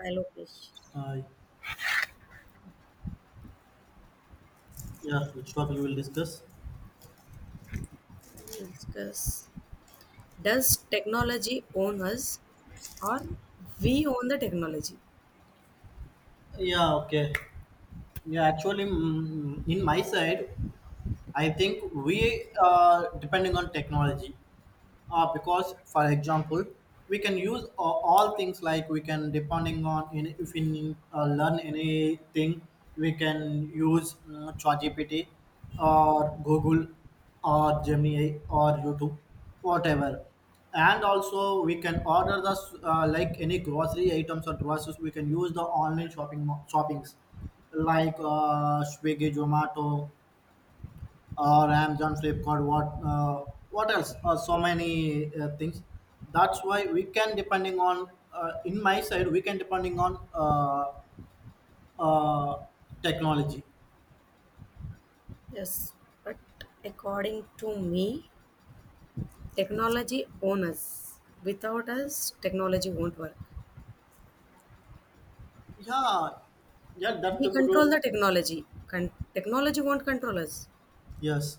We will Uh, yeah, which topic we will discuss? discuss. Does technology own us, or we own the technology? Yeah, okay. Yeah, actually, in my side, I think we are depending on technology. Because for example we can use all things like we can depending on in, if we need, learn anything we can use ChatGPT or Google or Gemini or YouTube whatever. And also we can order the like any grocery items or groceries we can use the online shoppings like Swiggy, Zomato or Amazon, Flipkart, what else? So many things. That's why we can depending on in my side we can depending on uh, technology. Yes, but according to me, technology own us. Without us, technology won't work. Yeah, yeah, that's the We control good. the technology. Technology won't control us. Yes.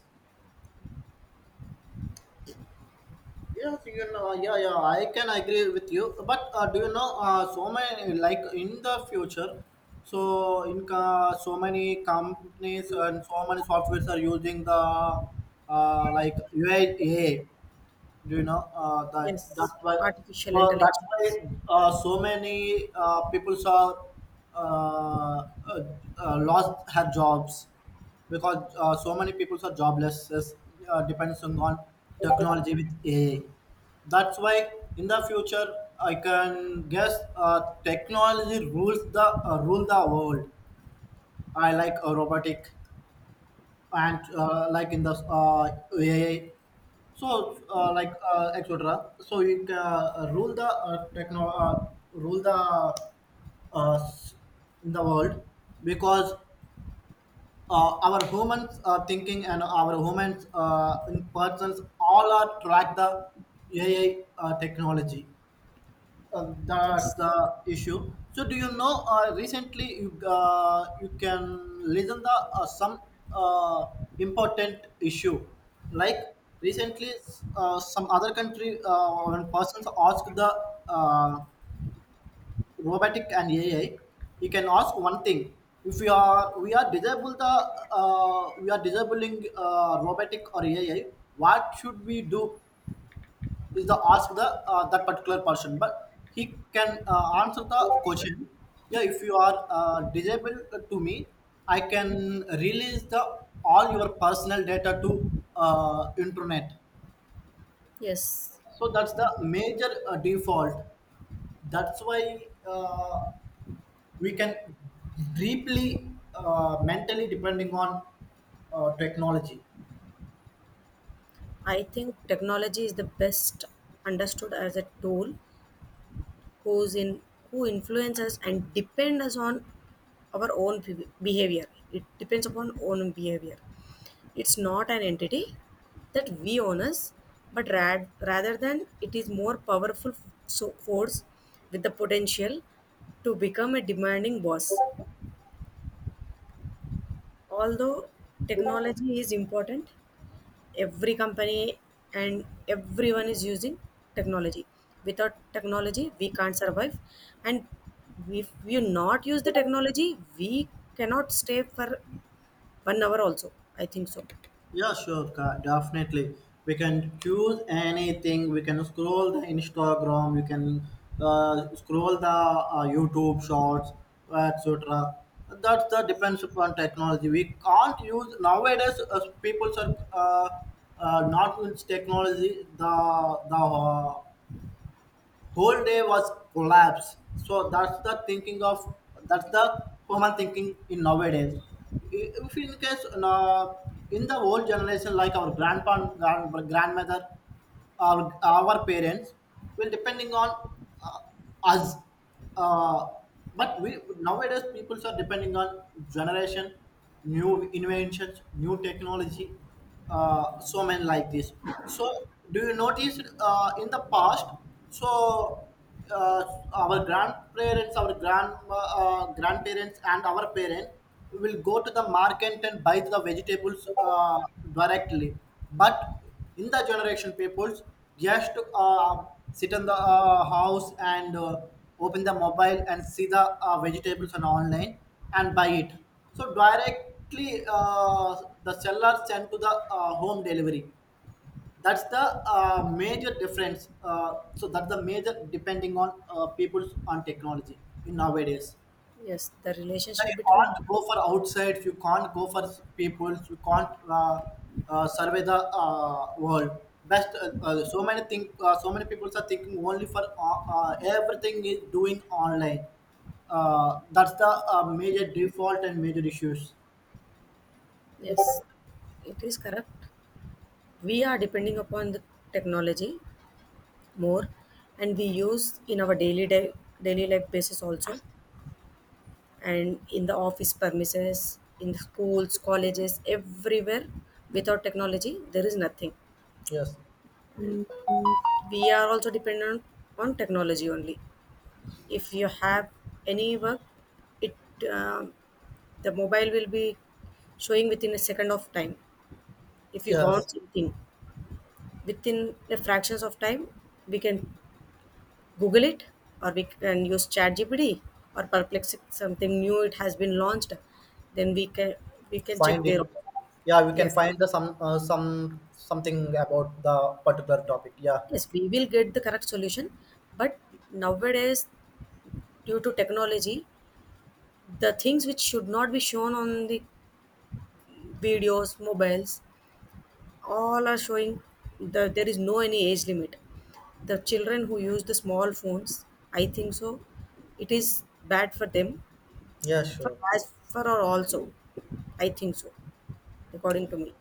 Yes, yeah, yeah, I can agree with you. But do you know, so many like in the future, so in so many companies and so many softwares are using the like UI. Do you know that's Yes, why, artificial well, that's intelligence. why so many people are uh, uh, lost her jobs because so many people are jobless depends on technology with AI. That's why in the future I can guess technology rules the rule the world. I like robotic and like in the AI. So like etc. So you can rule the uh, s- in the world because our humans thinking and our humans in persons all are track the AI technology. That's Yes, the issue. So do you know? Recently, you can listen the some uh, important issue. Like recently, some other country when persons ask the uh, robotic and AI, you can ask one thing. If we are disable the we are disabling robotic or AI, what should we do? Is the ask the that particular person, but he can answer the question. Yeah, if you are disabled, to me I can release the all your personal data to internet. yes. So that's the major default. That's why uh, we can deeply mentally depending on technology. I think technology is the best understood as a tool who's in who influence us and depend us on our own behavior. It depends upon own behavior. It's not an entity that we own us, but rather than it is more powerful so force with the potential to become a demanding boss. Although technology is important, every company and everyone is using technology. Without technology we can't survive, and if we not use the technology we cannot stay for 1 hour also, I think so. Yeah, sure, definitely. We can choose anything. We can scroll the Instagram. We can scroll the YouTube shorts, etc. That's the depends upon technology. We can't use nowadays. People are not with technology. The whole day was collapsed. So that's the thinking of, that's the common thinking in nowadays. If in case in the old generation, like our grandpa, grandmother, our parents will depending on uh, us, uh, but we nowadays people are depending on generation, new inventions, new technology, so many like this. So do you notice in the past, so uh, our grandparents, our grandma, grandparents, and our parents will go to the market and buy the vegetables directly. But in the generation peoples, just sit in the house and open the mobile and see the vegetables on online and buy it. So directly, the seller sent to the home delivery. That's the major difference. So that's the major depending on people on technology in nowadays. Yes, the Now relationship you between, can't go for outside, you can't go for people, you can't survey the world best. So many things, so many people are thinking only for everything is doing online. That's the major default and major issues. yes, it is correct. We are depending upon the technology more, and we use in our daily day, daily life basis also, and in the office premises, in schools, colleges, everywhere. Without technology, there is nothing. Yes, We are also dependent on technology only. If you have any work, it, um the mobile will be showing within a second of time. If you yes. want something, within the fractions of time, we can Google it, or we can use ChatGPT or Perplexity, something new it has been launched. Then we can Find check it. there. Yeah, we can Yes. find the some something about the particular topic. Yeah. Yes, we will get the correct solution. But nowadays, due to technology, the things which should not be shown on the videos, mobiles, all are showing that there is no any age limit. The children who use the small phones, I think so, it is bad for them, Yeah, for sure. as for our also. I think so, according to me.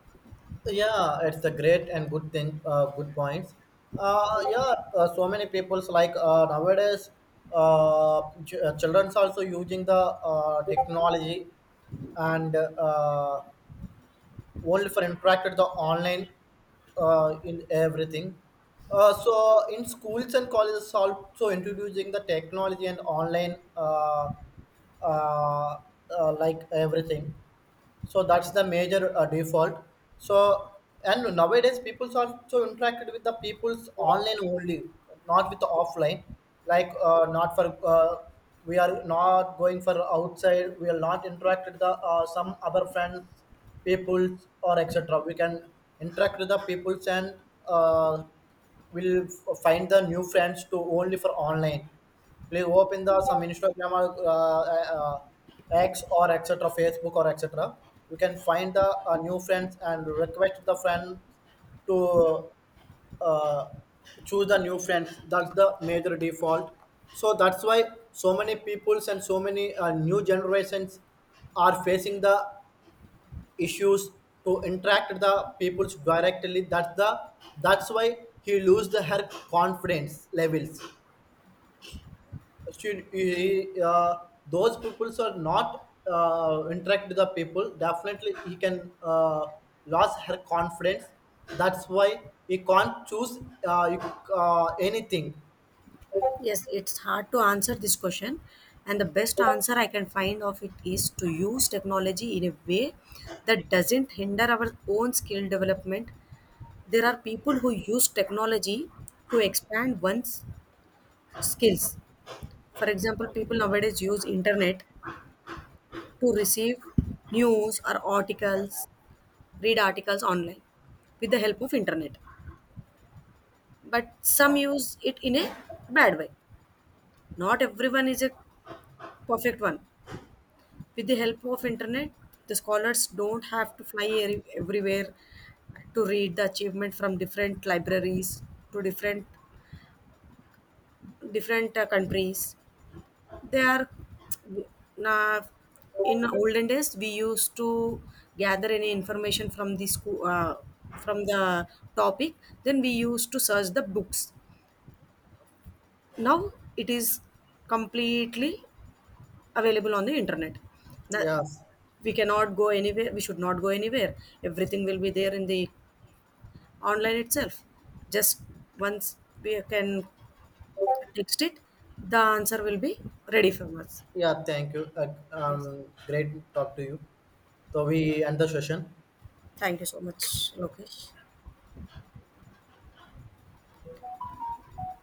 Yeah, it's a great and good thing, good points. Yeah, so many people's like nowadays children's also using the technology and only for interacted the online in everything. So in schools and colleges also introducing the technology and online uh, like everything. So that's the major default. So, and nowadays people are so interacted with the people's online only, not with the offline, like not for we are not going for outside, we are not interacted the some other friends, peoples or etc. We can interact with the peoples and uh, find the new friends to only for online. Please open the some Instagram or X or etc. Facebook or etc. You can find the new friends and request the friend to uh, choose the new friends. That's the major default. So that's why so many peoples and so many new generations are facing the issues to interact with the peoples directly. That's the, that's why he lose the her confidence levels. she, he, uh, those peoples are not interact with the people, definitely he can lose her confidence. That's why he can't choose anything. Yes, it's hard to answer this question. And the best answer I can find of it is to use technology in a way that doesn't hinder our own skill development. There are people who use technology to expand one's skills. For example, people nowadays use internet to receive news or articles, read articles online with the help of internet. But some use it in a bad way. Not everyone is a perfect one. With the help of internet, the scholars don't have to fly everywhere to read the achievement from different libraries to different different countries. They are na-, in olden days we used to gather any information from the school, from the topic, then we used to search the books. Now it is completely available on the internet. That Yes. we cannot go anywhere. We should not go anywhere. Everything will be there in the online itself. Just once we can text it, the answer will be ready for us. Yeah, thank you, Yes. great talk to you. So we end the session. Thank you so much, Lokesh.